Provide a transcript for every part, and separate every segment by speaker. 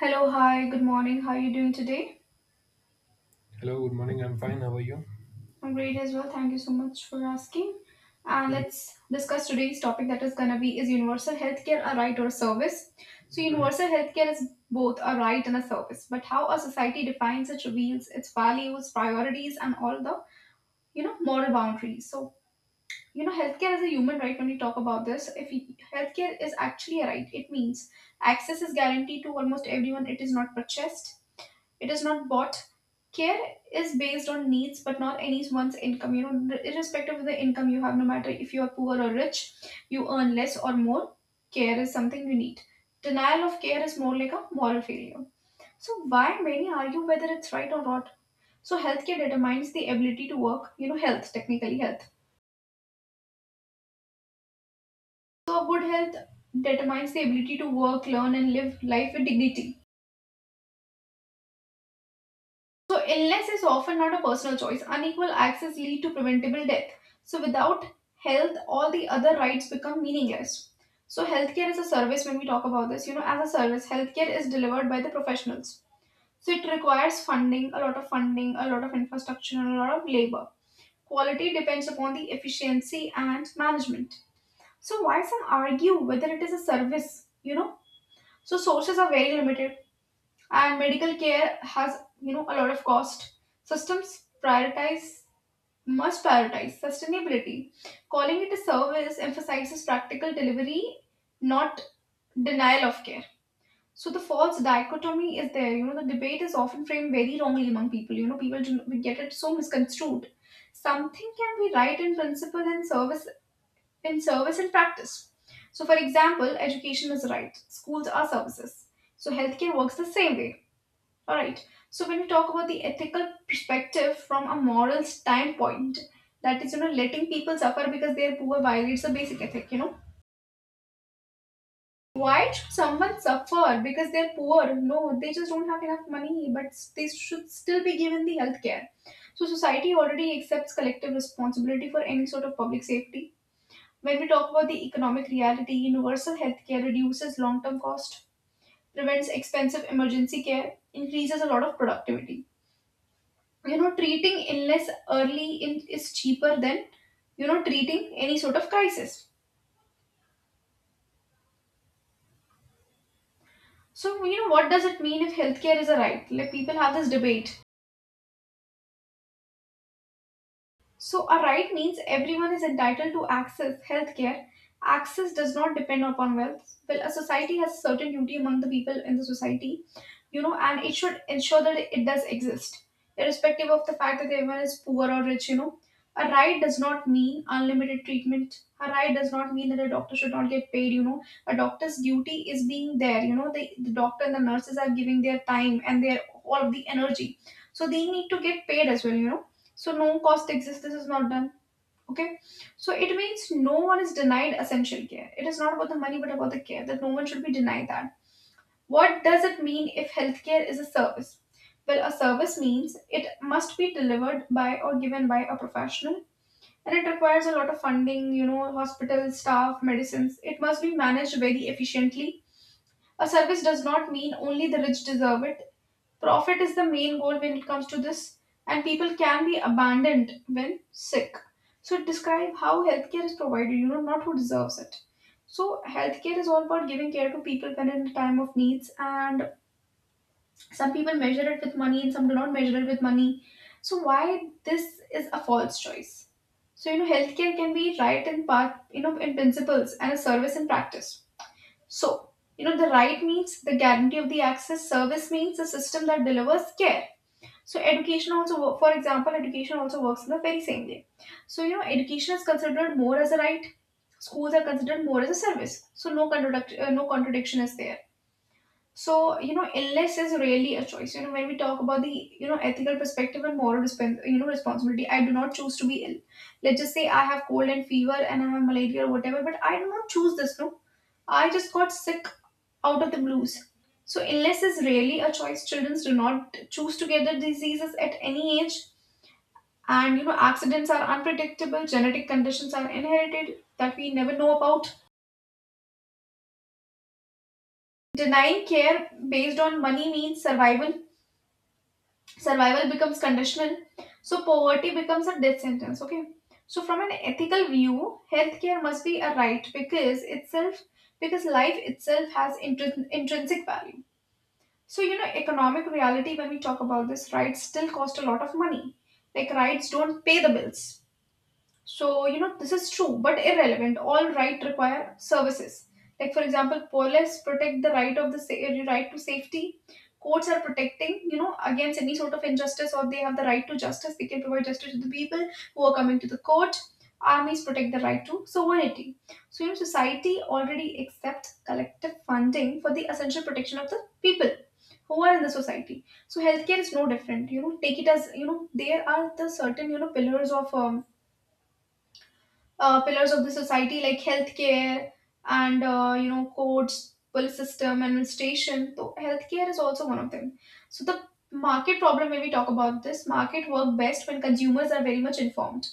Speaker 1: Hello, hi, good morning. How are you doing today?
Speaker 2: Hello, good morning. I'm fine. How are you?
Speaker 1: I'm great as well. Thank you so much for asking. And let's discuss today's topic that is going to be, is universal healthcare a right or a service? So,
Speaker 2: Mhm.
Speaker 1: universal healthcare is both a right and a service, but how a society defines it reveals its values, priorities, and all the moral boundaries. So, healthcare is a human right when we talk about this. If we, healthcare is actually a right, it means access is guaranteed to almost everyone. It is not purchased, it is not bought, care is based on needs but not anyone's income, irrespective of the income you have. No matter if you are poor or rich, you earn less or more, care is something you need. Denial of care is more like a moral failure. So why many argue whether it's right or not. So healthcare determines the ability to work. Health, so good health, determines the ability to work, learn and live life with dignity. So illness is often not a personal choice. Unequal access lead to preventable death. So without health, all the other rights become meaningless. So healthcare is a service. When we talk about this, as a service, healthcare is delivered by the professionals. So it requires funding, a lot of funding, a lot of infrastructure, and a lot of labor. Quality depends upon the efficiency and management. So why some argue whether it is a service, So sources are very limited and medical care has, a lot of cost. Systems prioritize, must prioritize sustainability. Calling it a service emphasizes practical delivery, not denial of care. So the false dichotomy is there. The debate is often framed very wrongly among people. People, do we get it so misconstrued? Something can be right in principle and service, in service and practice. So for example, education is right, schools are services. So healthcare works the same way. All right. So when we talk about the ethical perspective from a moral standpoint, that is, you know, letting people suffer because they're poor violates the basic ethic. You know, why should someone suffer because they're poor? No, they just don't have enough money, but they should still be given the health care. So society already accepts collective responsibility for any sort of public safety. When we talk about the economic reality, universal health care reduces long-term cost, prevents expensive emergency care, increases a lot of productivity. Treating illness early in, is cheaper than treating any sort of crisis. So what does it mean if healthcare is a right, like people have this debate? So, a right means everyone is entitled to access healthcare. Access does not depend upon wealth. Well, a society has a certain duty among the people in the society, you know, and it should ensure that it does exist, irrespective of the fact that everyone is poor or rich, you know. A right does not mean unlimited treatment. A right does not mean that a doctor should not get paid, you know. A doctor's duty is being there, you know. The doctor and the nurses are giving their time and their all of the energy. So they need to get paid as well, you know. So no cost exists. This is not done. Okay. So it means no one is denied essential care. It is not about the money, but about the care that no one should be denied that. What does it mean if healthcare is a service? Well, a service means it must be delivered by or given by a professional, and it requires a lot of funding, you know, hospital staff, medicines. It must be managed very efficiently. A service does not mean only the rich deserve it. Profit is the main goal when it comes to this, and people can be abandoned when sick. So, describe how healthcare is provided, you know, not who deserves it. So, healthcare is all about giving care to people when in a time of needs, and some people measure it with money and some do not measure it with money. So, why this is a false choice? So, you know, healthcare can be right in part, you know, in principles and a service in practice. So, you know, the right means the guarantee of the access, service means a system that delivers care. So education also, for example, education also works in the very same way. So education is considered more as a right, schools are considered more as a service. So no contradiction is there. So, you know, illness is really a choice. You know, when we talk about the, you know, ethical perspective and moral, you know, responsibility, I do not choose to be ill. Let's just say I have cold and fever and I have malaria or whatever, but I do not choose this, no. I just got sick out of the blues. So, illness is really a choice. Children do not choose to get the diseases at any age. And, you know, accidents are unpredictable. Genetic conditions are inherited that we never know about. Denying care based on money means survival becomes conditional. So poverty becomes a death sentence. Okay. So from an ethical view, healthcare must be a right because itself, because life itself has intrinsic value. So economic reality, when we talk about this, rights still cost a lot of money, like rights don't pay the bills. So, you know, this is true but irrelevant. All right require services. Like, for example, police protect the right of the right to safety. Courts are protecting, you know, against any sort of injustice, or they have the right to justice. They can provide justice to the people who are coming to the court. Armies protect the right to sovereignty. So, you know, society already accepts collective funding for the essential protection of the people who are in the society. So, healthcare is no different. You know, take it as, you know, there are the certain, you know, pillars of the society like healthcare and you know, courts, police, system administration. So healthcare is also one of them. So the market problem, when we talk about this, market work best when consumers are very much informed,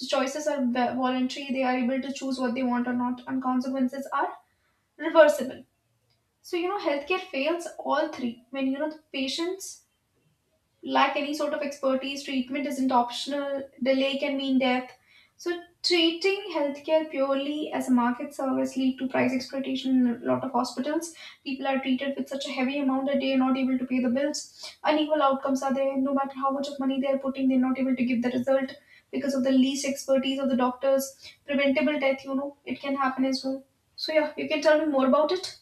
Speaker 1: the choices are voluntary, they are able to choose what they want or not, and consequences are reversible. So you know healthcare fails all three when, you know, the patients lack any sort of expertise, treatment isn't optional, delay can mean death. So, treating healthcare purely as a market service lead to price exploitation in a lot of hospitals. People are treated with such a heavy amount that they are not able to pay the bills. Unequal outcomes are there. No matter how much of money they are putting, they're not able to give the result because of the least expertise of the doctors. Preventable death, you know, it can happen as well. So, yeah, you can tell me more about it.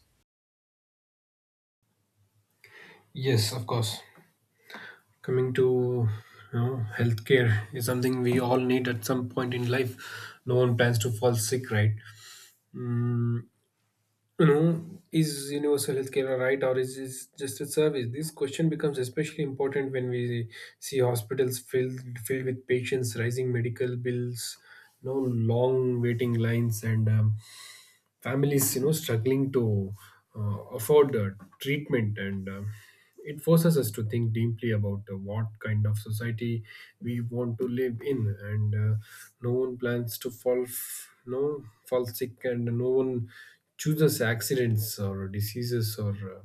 Speaker 2: Yes, of course. Coming to healthcare is something we all need at some point in life. No one plans to fall sick, right? Mm, you know, is universal healthcare a right or is it just a service? This question becomes especially important when we see hospitals filled with patients, rising medical bills, no long waiting lines, and families struggling to afford treatment, and it forces us to think deeply about what kind of society we want to live in. And No one plans to fall sick, and no one chooses accidents or diseases or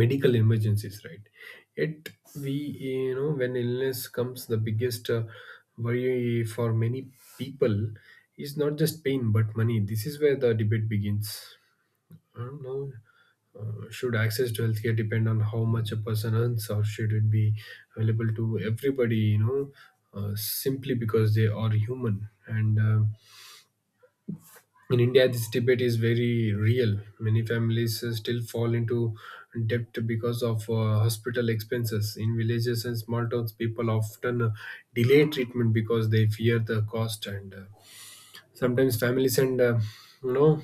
Speaker 2: medical emergencies, right? Yet we, when illness comes, the biggest worry for many people is not just pain but money. This is where the debate begins. I don't know Should access to healthcare depend on how much a person earns, or should it be available to everybody? Simply because they are human. And In India, this debate is very real. Many families still fall into debt because of hospital expenses. In villages and small towns, people often delay treatment because they fear the cost, and sometimes families and you know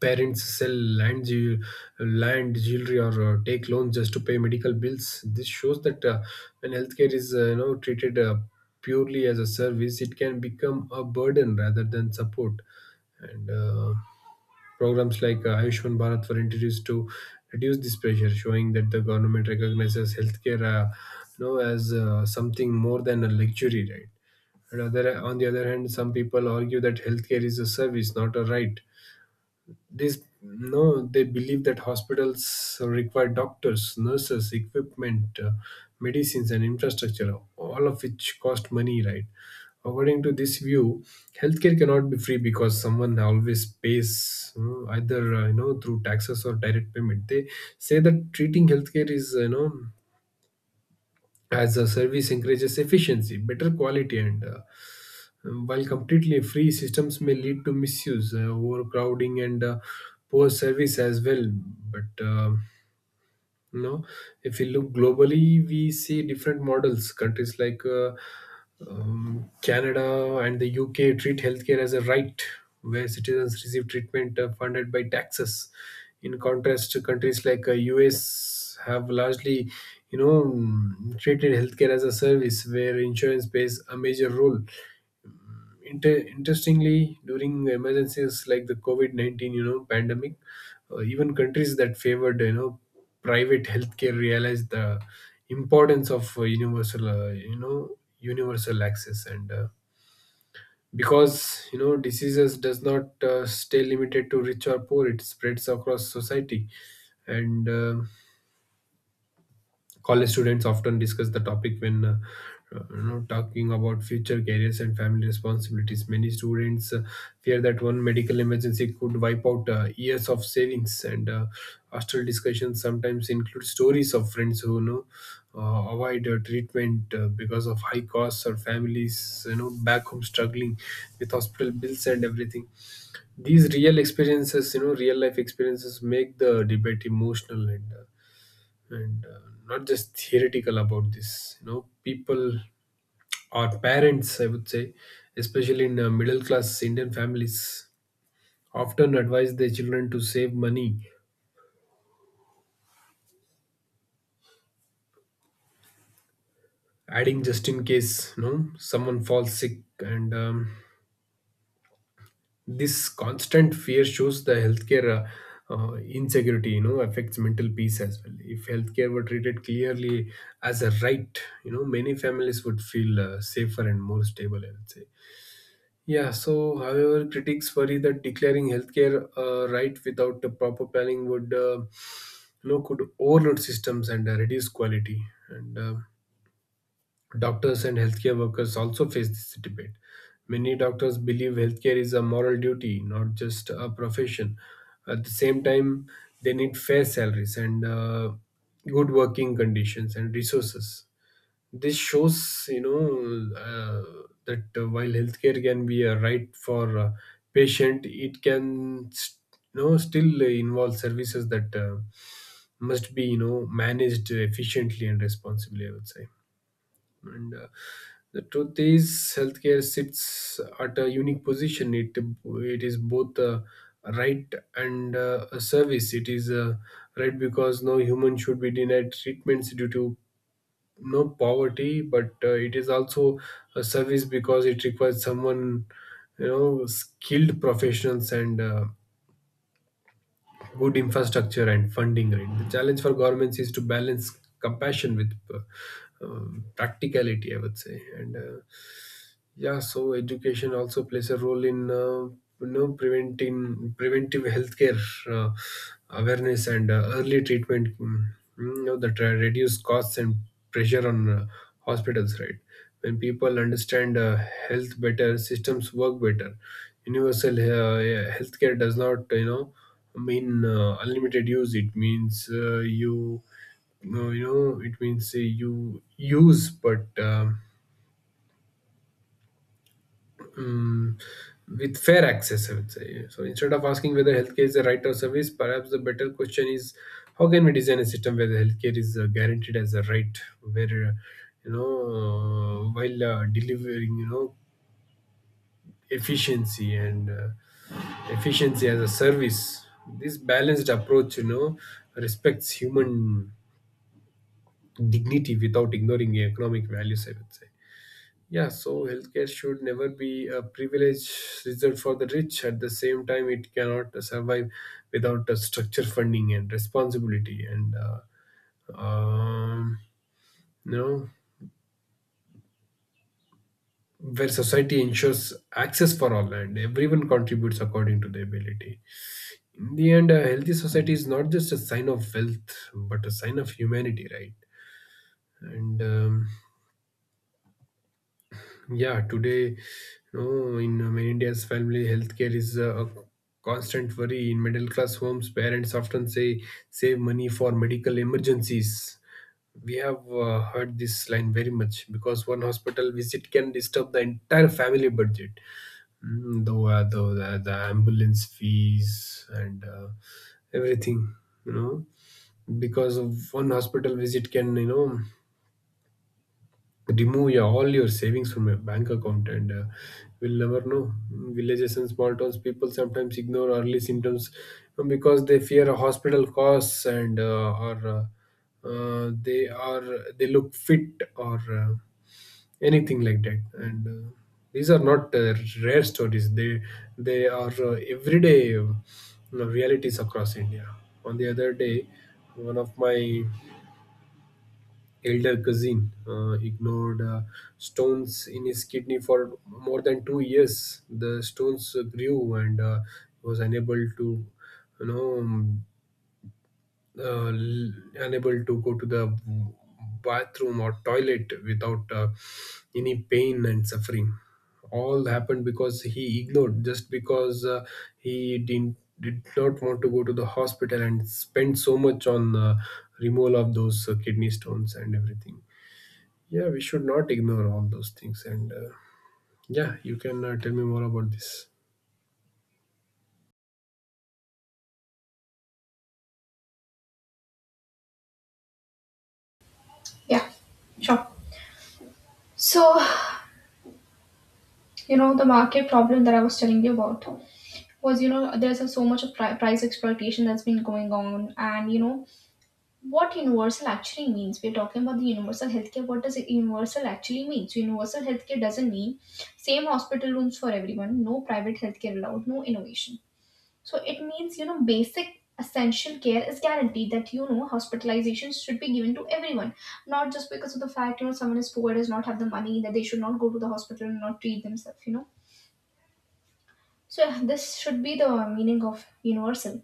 Speaker 2: parents sell land jew- land, jewelry, or take loans just to pay medical bills. This shows that when healthcare is treated purely as a service, it can become a burden rather than support. And Programs like Ayushman Bharat were introduced to reduce this pressure, showing that the government recognizes healthcare as something more than a luxury, right? And on the other hand, some people argue that healthcare is a service, not a right. these no, They believe that hospitals require doctors, nurses, equipment, medicines, and infrastructure, all of which cost money, right? According to this view, healthcare cannot be free because someone always pays, either through taxes or direct payment. They say that treating healthcare is you know as a service encourages efficiency, better quality, and while completely free systems may lead to misuse, overcrowding, and poor service as well. But no, if we look globally, we see different models. Countries like Canada and the UK treat healthcare as a right, where citizens receive treatment funded by taxes. In contrast, to countries like US have largely, treated healthcare as a service, where insurance plays a major role. Interestingly, during emergencies like the COVID-19, pandemic, even countries that favored private healthcare realized the importance of universal universal access. And Because diseases does not stay limited to rich or poor, it spreads across society. And College students often discuss the topic when talking about future careers and family responsibilities. Many students fear that one medical emergency could wipe out years of savings, and hostel discussions sometimes include stories of friends who avoid treatment because of high costs, or families back home struggling with hospital bills and everything. These real experiences, real life experiences, make the debate emotional, and not just theoretical. About this, people, or parents I would say, especially in middle class Indian families, often advise their children to save money, adding just in case someone falls sick. And This constant fear shows the healthcare insecurity, affects mental peace as well. If healthcare were treated clearly as a right, many families would feel safer and more stable, I would say. Yeah, so however, critics worry that declaring healthcare right without the proper planning could overload systems and reduce quality. And Doctors and healthcare workers also face this debate. Many doctors believe healthcare is a moral duty, not just a profession. At the same time, they need fair salaries and good working conditions and resources. This shows that while healthcare can be a right for patient, it can still involve services that must be managed efficiently and responsibly, I would say. And The truth is, healthcare sits at a unique position. It is both a right and a service. It is a right because no human should be denied treatments due to no poverty, but it is also a service because it requires someone you know skilled professionals and good infrastructure and funding, right? The challenge for governments is to balance compassion with practicality, I would say. And Yeah, so education also plays a role in preventing preventive healthcare, uh, awareness, and early treatment. You know that reduce costs and pressure on hospitals, right? When people understand health better, systems work better. Universal yeah, healthcare does not mean unlimited use. It means you no, you know, it means you use, but Mm, with fair access, I would say. So instead of asking whether healthcare is a right or service, perhaps the better question is how can we design a system where the healthcare is guaranteed as a right, where you know while delivering efficiency and uh, efficiency as a service. This balanced approach, respects human dignity without ignoring economic values, I would say. Yeah, so healthcare should never be a privilege reserved for the rich. At the same time, it cannot survive without the structure, funding, and responsibility, and um, you know where society ensures access for all and everyone contributes according to their ability. In the end, a healthy society is not just a sign of wealth, but a sign of humanity, right? And Yeah, today, in many India's family, healthcare is a constant worry. In middle class homes, parents often say, save money for medical emergencies. We have heard this line very much, because one hospital visit can disturb the entire family budget. Though the ambulance fees and everything, you know, because of one hospital visit can, remove all your savings from your bank account. And We'll never know. Villages and small towns, people sometimes ignore early symptoms because they fear a hospital costs, and or they are, they look fit, or anything like that. And These are not rare stories. They are everyday realities across India. On the other day, one of my elder cousin ignored stones in his kidney for more than 2 years. The stones grew, and was unable to, you know, um, uh, l- unable to go to the bathroom or toilet without any pain and suffering. All happened because he ignored, just because he didn't did not want to go to the hospital and spend so much on removal of those kidney stones and everything. Yeah, we should not ignore all those things, and yeah, you can tell me more about this.
Speaker 1: Yeah, sure. So, the market problem that I was telling you about was, you know, there's a, so much of price exploitation that's been going on. And you know what universal actually means? We're talking about the universal healthcare. What does universal actually mean? So universal healthcare doesn't mean same hospital rooms for everyone, no private healthcare allowed, no innovation. So it means, you know, basic essential care is guaranteed, that you know hospitalizations should be given to everyone, not just because of the fact, you know, someone is poor does not have the money, that they should not go to the hospital and not treat themselves, you know. So this should be the meaning of universal.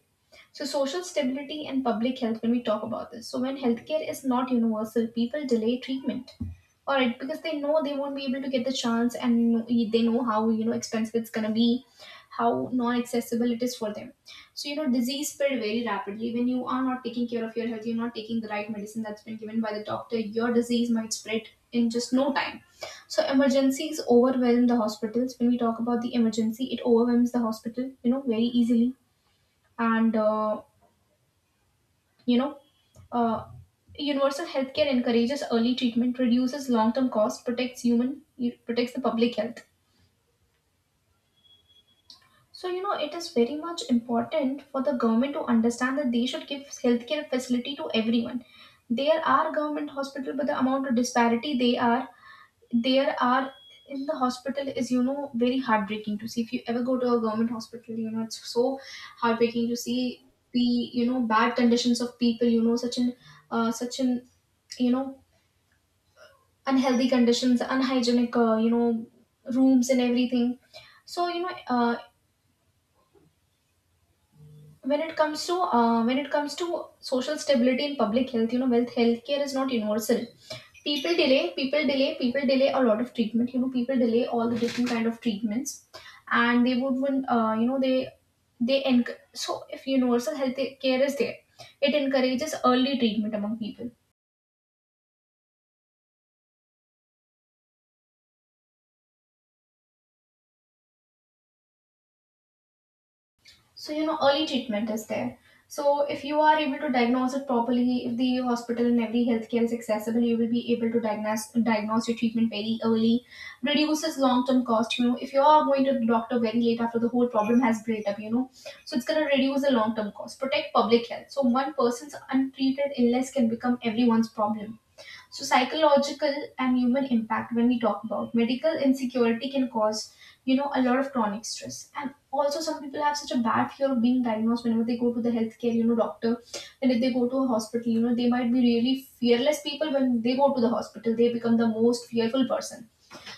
Speaker 1: So, social stability and public health, when we talk about this. So, when healthcare is not universal, people delay treatment, all right, because they know they won't be able to get the chance and they know how, you know, expensive it's going to be, how non accessible it is for them. So, you know, disease spread very rapidly. When you are not taking care of your health, you're not taking the right medicine that's been given by the doctor, your disease might spread in just no time. So emergencies overwhelm the hospitals. When we talk about the emergency, it overwhelms the hospital, you know, very easily. And uh, you know, uh, Universal healthcare encourages early treatment, reduces long-term costs, protects human, protects the public health. So you know, it is very much important for the government to understand that they should give healthcare facility to everyone. There are government hospital, but the amount of disparity they are there are in the hospital is, very heartbreaking to see. If you ever go to a government hospital, it's so heartbreaking to see the, bad conditions of people, such an uh, such an you know unhealthy conditions, unhygienic, rooms and everything. So, when it comes to, when it comes to social stability in public health, you know, wealth healthcare is not universal. People delay a lot of treatment. You know, people delay all the different kind of treatments, and they would when, you know, they enc- so if universal health care is there, it encourages early treatment among people. So, you know, early treatment is there. So if you are able to diagnose it properly, if the hospital and every healthcare is accessible, you will be able to diagnose your treatment very early. Reduces long term cost. You know, if you are going to the doctor very late, after the whole problem has built up, you know, so it's going to reduce the long term cost, protect public health. So one person's untreated illness can become everyone's problem. So, psychological and human impact, when we talk about medical insecurity, can cause, you know, a lot of chronic stress. And also, some people have such a bad fear of being diagnosed whenever they go to the healthcare, you know, doctor. And if they go to a hospital, you know, they might be really fearless people. When they go to the hospital, they become the most fearful person.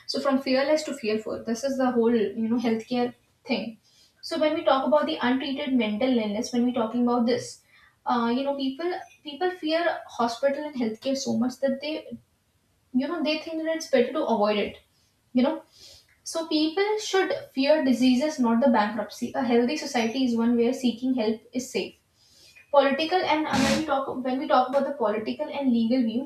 Speaker 1: So, from fearless to fearful, this is the whole, you know, healthcare thing. So, when we talk about the untreated mental illness, when we're talking about this, you know, people fear hospital and healthcare so much that they, you know, they think that it's better to avoid it, you know. So people should fear diseases, not the bankruptcy. A healthy society is one where seeking help is safe. Political, and when we talk, about the political and legal view,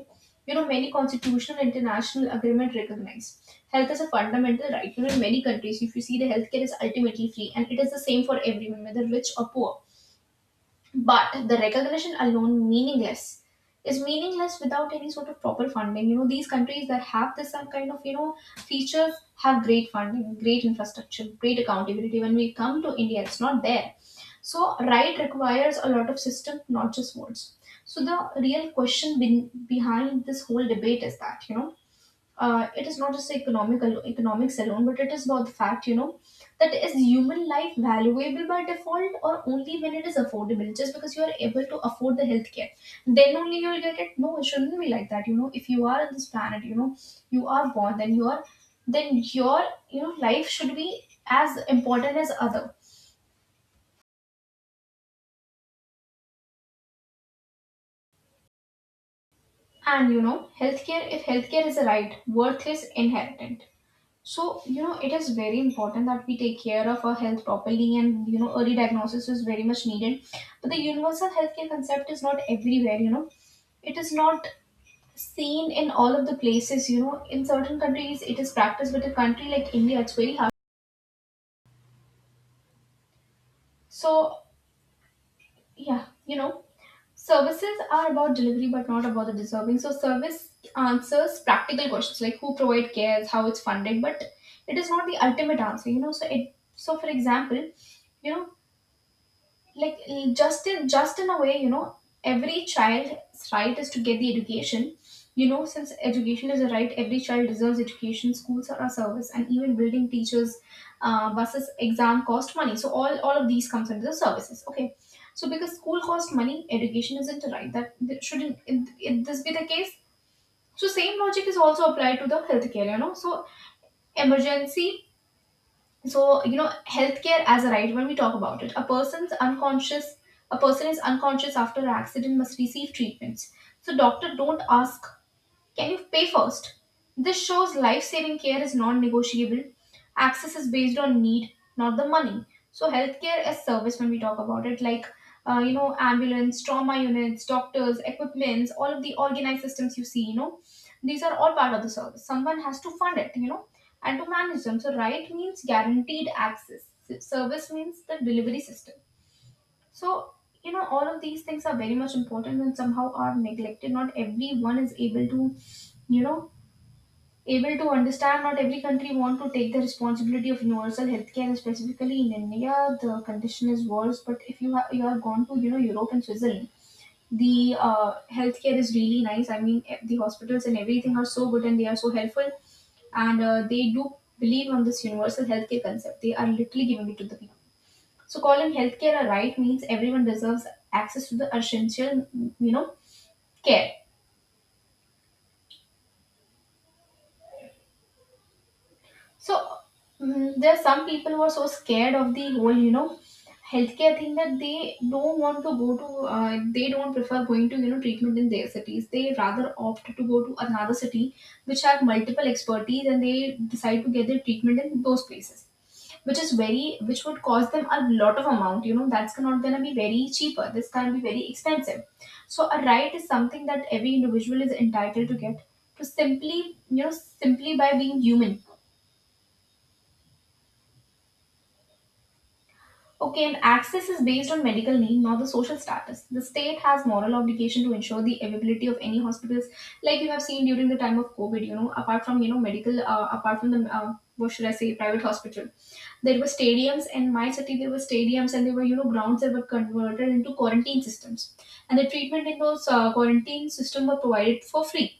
Speaker 1: you know, many constitutional international agreement recognize health as a fundamental right. You know, in many countries, if you see, the healthcare is ultimately free and it is the same for everyone, whether rich or poor. But the recognition alone meaningless is meaningless without any sort of proper funding. You know, these countries that have this some kind of, you know, features have great funding, great infrastructure, great accountability. When we come to India, it's not there. So right requires a lot of system, not just words. So the real question behind this whole debate is that, you know, it is not just economics alone, but it is about the fact, you know, that is human life valuable by default, or only when it is affordable. Just because you are able to afford the healthcare, then only you will get it. No, it shouldn't be like that. You know, if you are on this planet, you know, you are born, then you are, then your you know, life should be as important as other. And you know, healthcare, if healthcare is a right, worth is inherent. So, you know, it is very important that we take care of our health properly and, you know, early diagnosis is very much needed. But the universal healthcare concept is not everywhere, you know. It is not seen in all of the places, you know. In certain countries, it is practiced, but a country like India, it's very hard. So, yeah, you know, services are about delivery, but not about the deserving. So, service answers practical questions like who provide care, how it's funded, but it is not the ultimate answer, you know. So, it, so for example, you know like just in a way, you know, every child's right is to get the education. You know, since education is a right, every child deserves education. Schools are a service, and even building, teachers, buses, exam cost money. So all of these comes under the services, okay. So because school costs money, education isn't a right, that that shouldn't it, it, this be the case. So same logic is also applied to the healthcare, you know. So, emergency, so you know, healthcare as a right, when we talk about it, a person is unconscious after an accident, must receive treatments. So doctor don't ask, can you pay first? This shows life saving care is non negotiable. Access is based on need, not the money. So, healthcare as service, when we talk about it, like, you know, ambulance, trauma units, doctors, equipments, all of the organized systems you see, you know, these are all part of the service. Someone has to fund it, you know, and to manage them. So, right means guaranteed access, service means the delivery system. So, you know, all of these things are very much important and somehow are neglected. Not everyone is able to, you know, able to understand. Not every country want to take the responsibility of universal healthcare. Specifically in India, the condition is worse. But if you have, you are gone to, you know, Europe and Switzerland, the, healthcare is really nice. I mean, the hospitals and everything are so good and they are so helpful, and they do believe on this universal healthcare concept. They are literally giving it to the people. So calling healthcare a right means everyone deserves access to the essential, you know, care. So, mm, there are some people who are so scared of the whole, you know, healthcare thing that they don't want to go to. They don't prefer going to, you know, treatment in their cities. They rather opt to go to another city which have multiple expertise, and they decide to get their treatment in those places, which is very, which would cost them a lot of amount. You know, that's not gonna be very cheaper, this can be very expensive. So a right is something that every individual is entitled to get, to simply, simply by being human. Okay, and access is based on medical need, not the social status. The state has moral obligation to ensure the availability of any hospitals, like you have seen during the time of COVID. You know, apart from, you know, medical, apart from the, what should I say, private hospital, there were stadiums in my city. There were stadiums, and there were, you know, grounds that were converted into quarantine systems, and the treatment in those, quarantine system were provided for free.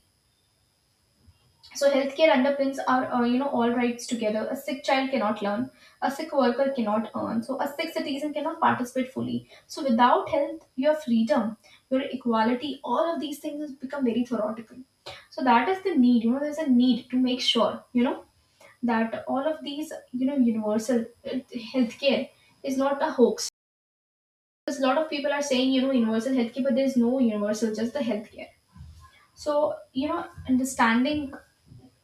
Speaker 1: So healthcare underpins our, you know, all rights together. A sick child cannot learn. A sick worker cannot earn. So a sick citizen cannot participate fully. So without health, your freedom, your equality, all of these things become very theoretical. So that is the need. You know, there's a need to make sure, you know, that all of these, you know, universal, uh, healthcare is not a hoax. Because a lot of people are saying, you know, universal healthcare, but there's no universal, just the healthcare. So, you know, understanding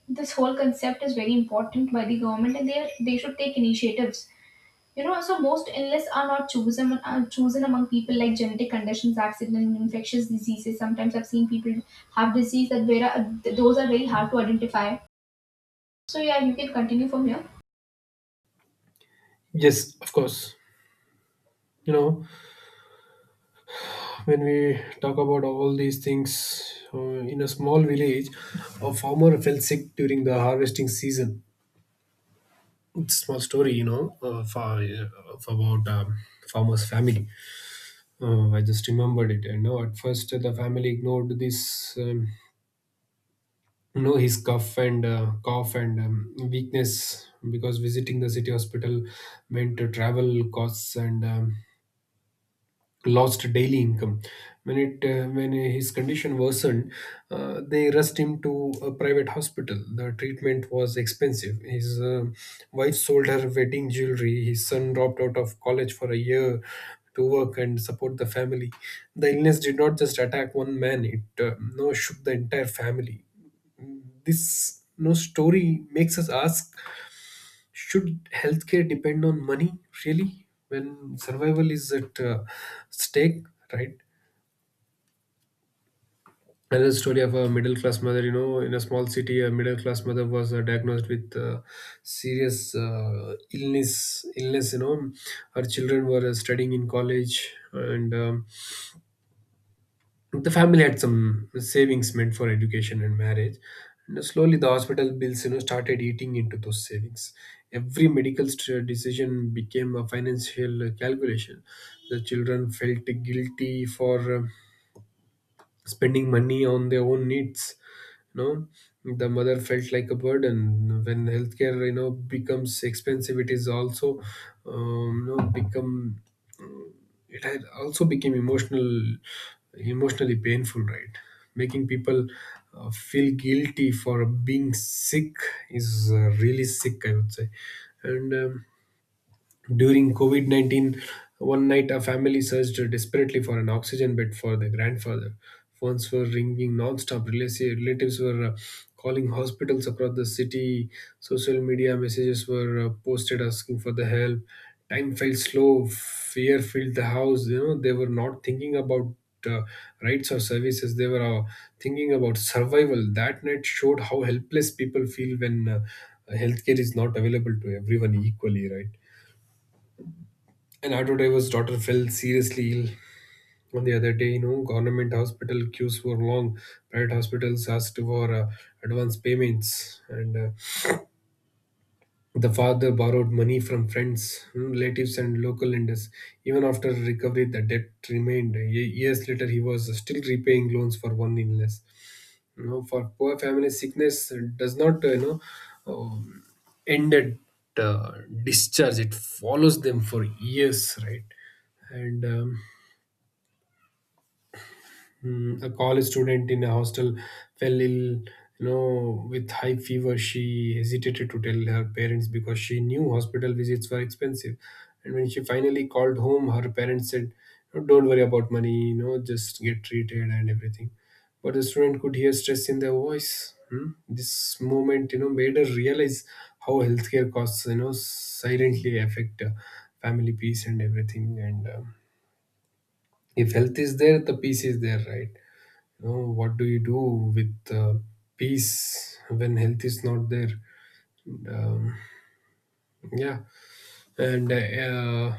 Speaker 1: this whole concept is very important by the government, and they should take initiatives, you know. So most illness are not chosen are chosen among people, like genetic conditions, accident, infectious diseases. Sometimes I've seen people have disease that, where those are very hard to identify. So yeah, you can continue from here.
Speaker 2: Yes, of course. You know, when we talk about all these things uh, in a small village, a farmer fell sick during the harvesting season. It's a small story, of about farmer's family. I just remembered it. You know, at first, the family ignored this no his cough and cough and weakness, because visiting the city hospital meant travel costs and lost daily income. When it when his condition worsened, they rushed him to a private hospital. The treatment was expensive. His wife sold her wedding jewelry. His son dropped out of college for a year to work and support the family. The illness did not just attack one man, it no shook the entire family. This no story makes us ask: should healthcare depend on money, really, when survival is at stake? Right. Another story of a middle class mother. You know, in a small city, a middle class mother was diagnosed with serious illness. Illness. You know, her children were studying in college, and the family had some savings meant for education and marriage, and slowly the hospital bills started eating into those savings. Every decision became a financial calculation. The children felt guilty for spending money on their own needs. you know the mother felt like a burden. When healthcare becomes expensive, it is also, you know become it had also became emotional, emotionally painful, right? Making people feel guilty for being sick is really sick, I would say. And During COVID 19, one night a family searched desperately for an oxygen bed for their grandfather. Phones were ringing non-stop. Relatives were calling hospitals across the city. Social media messages were posted asking for the help. Time felt slow. Fear filled the house. You know, they were not thinking about uh, rights or services. They were thinking about survival. That night showed how helpless people feel when healthcare is not available to everyone equally, right? An auto driver's daughter fell seriously ill on the other day. You know, government hospital queues were long. Private hospitals asked for advance payments, and the father borrowed money from friends, relatives, and local lenders. Even after recovery, the debt remained. Years later, he was still repaying loans for one illness. You know, for poor families, sickness does not, um, end at discharge. It follows them for years, right? and um, a college student in a hostel fell ill, you know, with high fever. She hesitated to tell her parents because she knew hospital visits were expensive. And when she finally called home, her parents said, "No, "Don't worry about money. You know, just get treated and everything." But the student could hear stress in their voice. Hmm? This moment, you know, made her realize how healthcare costs, you know, silently affect family peace and everything. And If health is there, the peace is there, right? You know, what do you do with peace when health is not there? um, yeah. and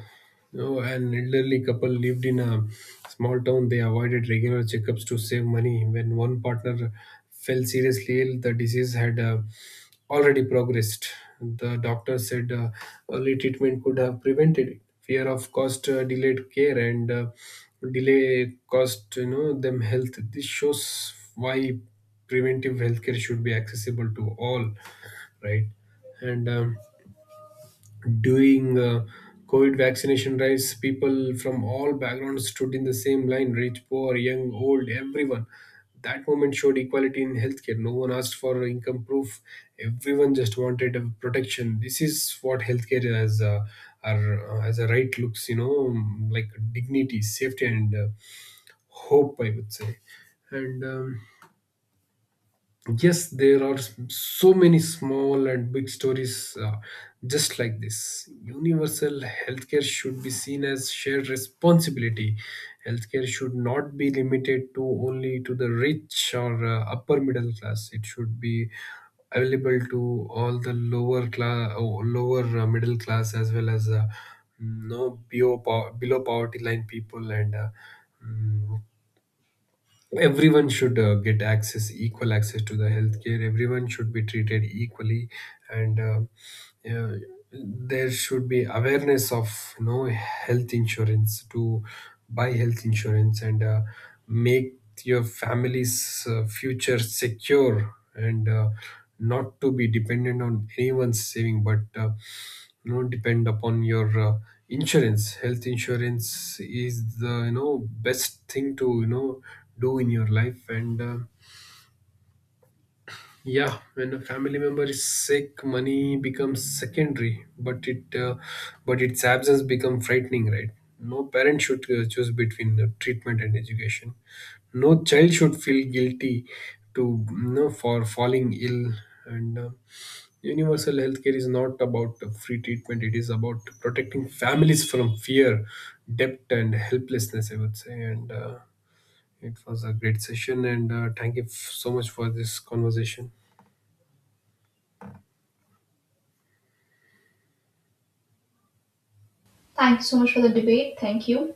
Speaker 2: You know, an elderly couple lived in a small town. They avoided regular checkups to save money. When one partner fell seriously ill, the disease had already progressed. The doctor said early treatment could have prevented it. Fear of cost delayed care, and delay cost them health. This shows why preventive healthcare should be accessible to all, right? And During COVID vaccination drives, people from all backgrounds stood in the same line: rich, poor, young, old, everyone. That moment showed equality in healthcare. No one asked for income proof. Everyone just wanted a protection. This is what healthcare as a right looks, you know, like: dignity, safety, and hope, I would say. And Yes, there are so many small and big stories just like this. Universal healthcare should be seen as shared responsibility. Healthcare should not be limited to only to the rich or upper middle class. It should be available to all: the lower class, lower middle class, as well as no below, below poverty line people, and mm, everyone should get access, equal access to the healthcare. Everyone should be treated equally, and uh, there should be awareness of, you know, health insurance, to buy health insurance, and make your family's future secure, and not to be dependent on anyone's saving, but you know, depend upon your insurance health insurance is the, you know, best thing to, you know, do in your life. And Yeah, when a family member is sick, money becomes secondary, but it but its absence become frightening, right? No parent should choose between treatment and education. No child should feel guilty to, you know, for falling ill, and universal healthcare is not about free treatment. It is about protecting families from fear, debt, and helplessness, I would say. And It was a great session, and thank you so much for this conversation.
Speaker 1: Thank you so much for the debate. Thank you.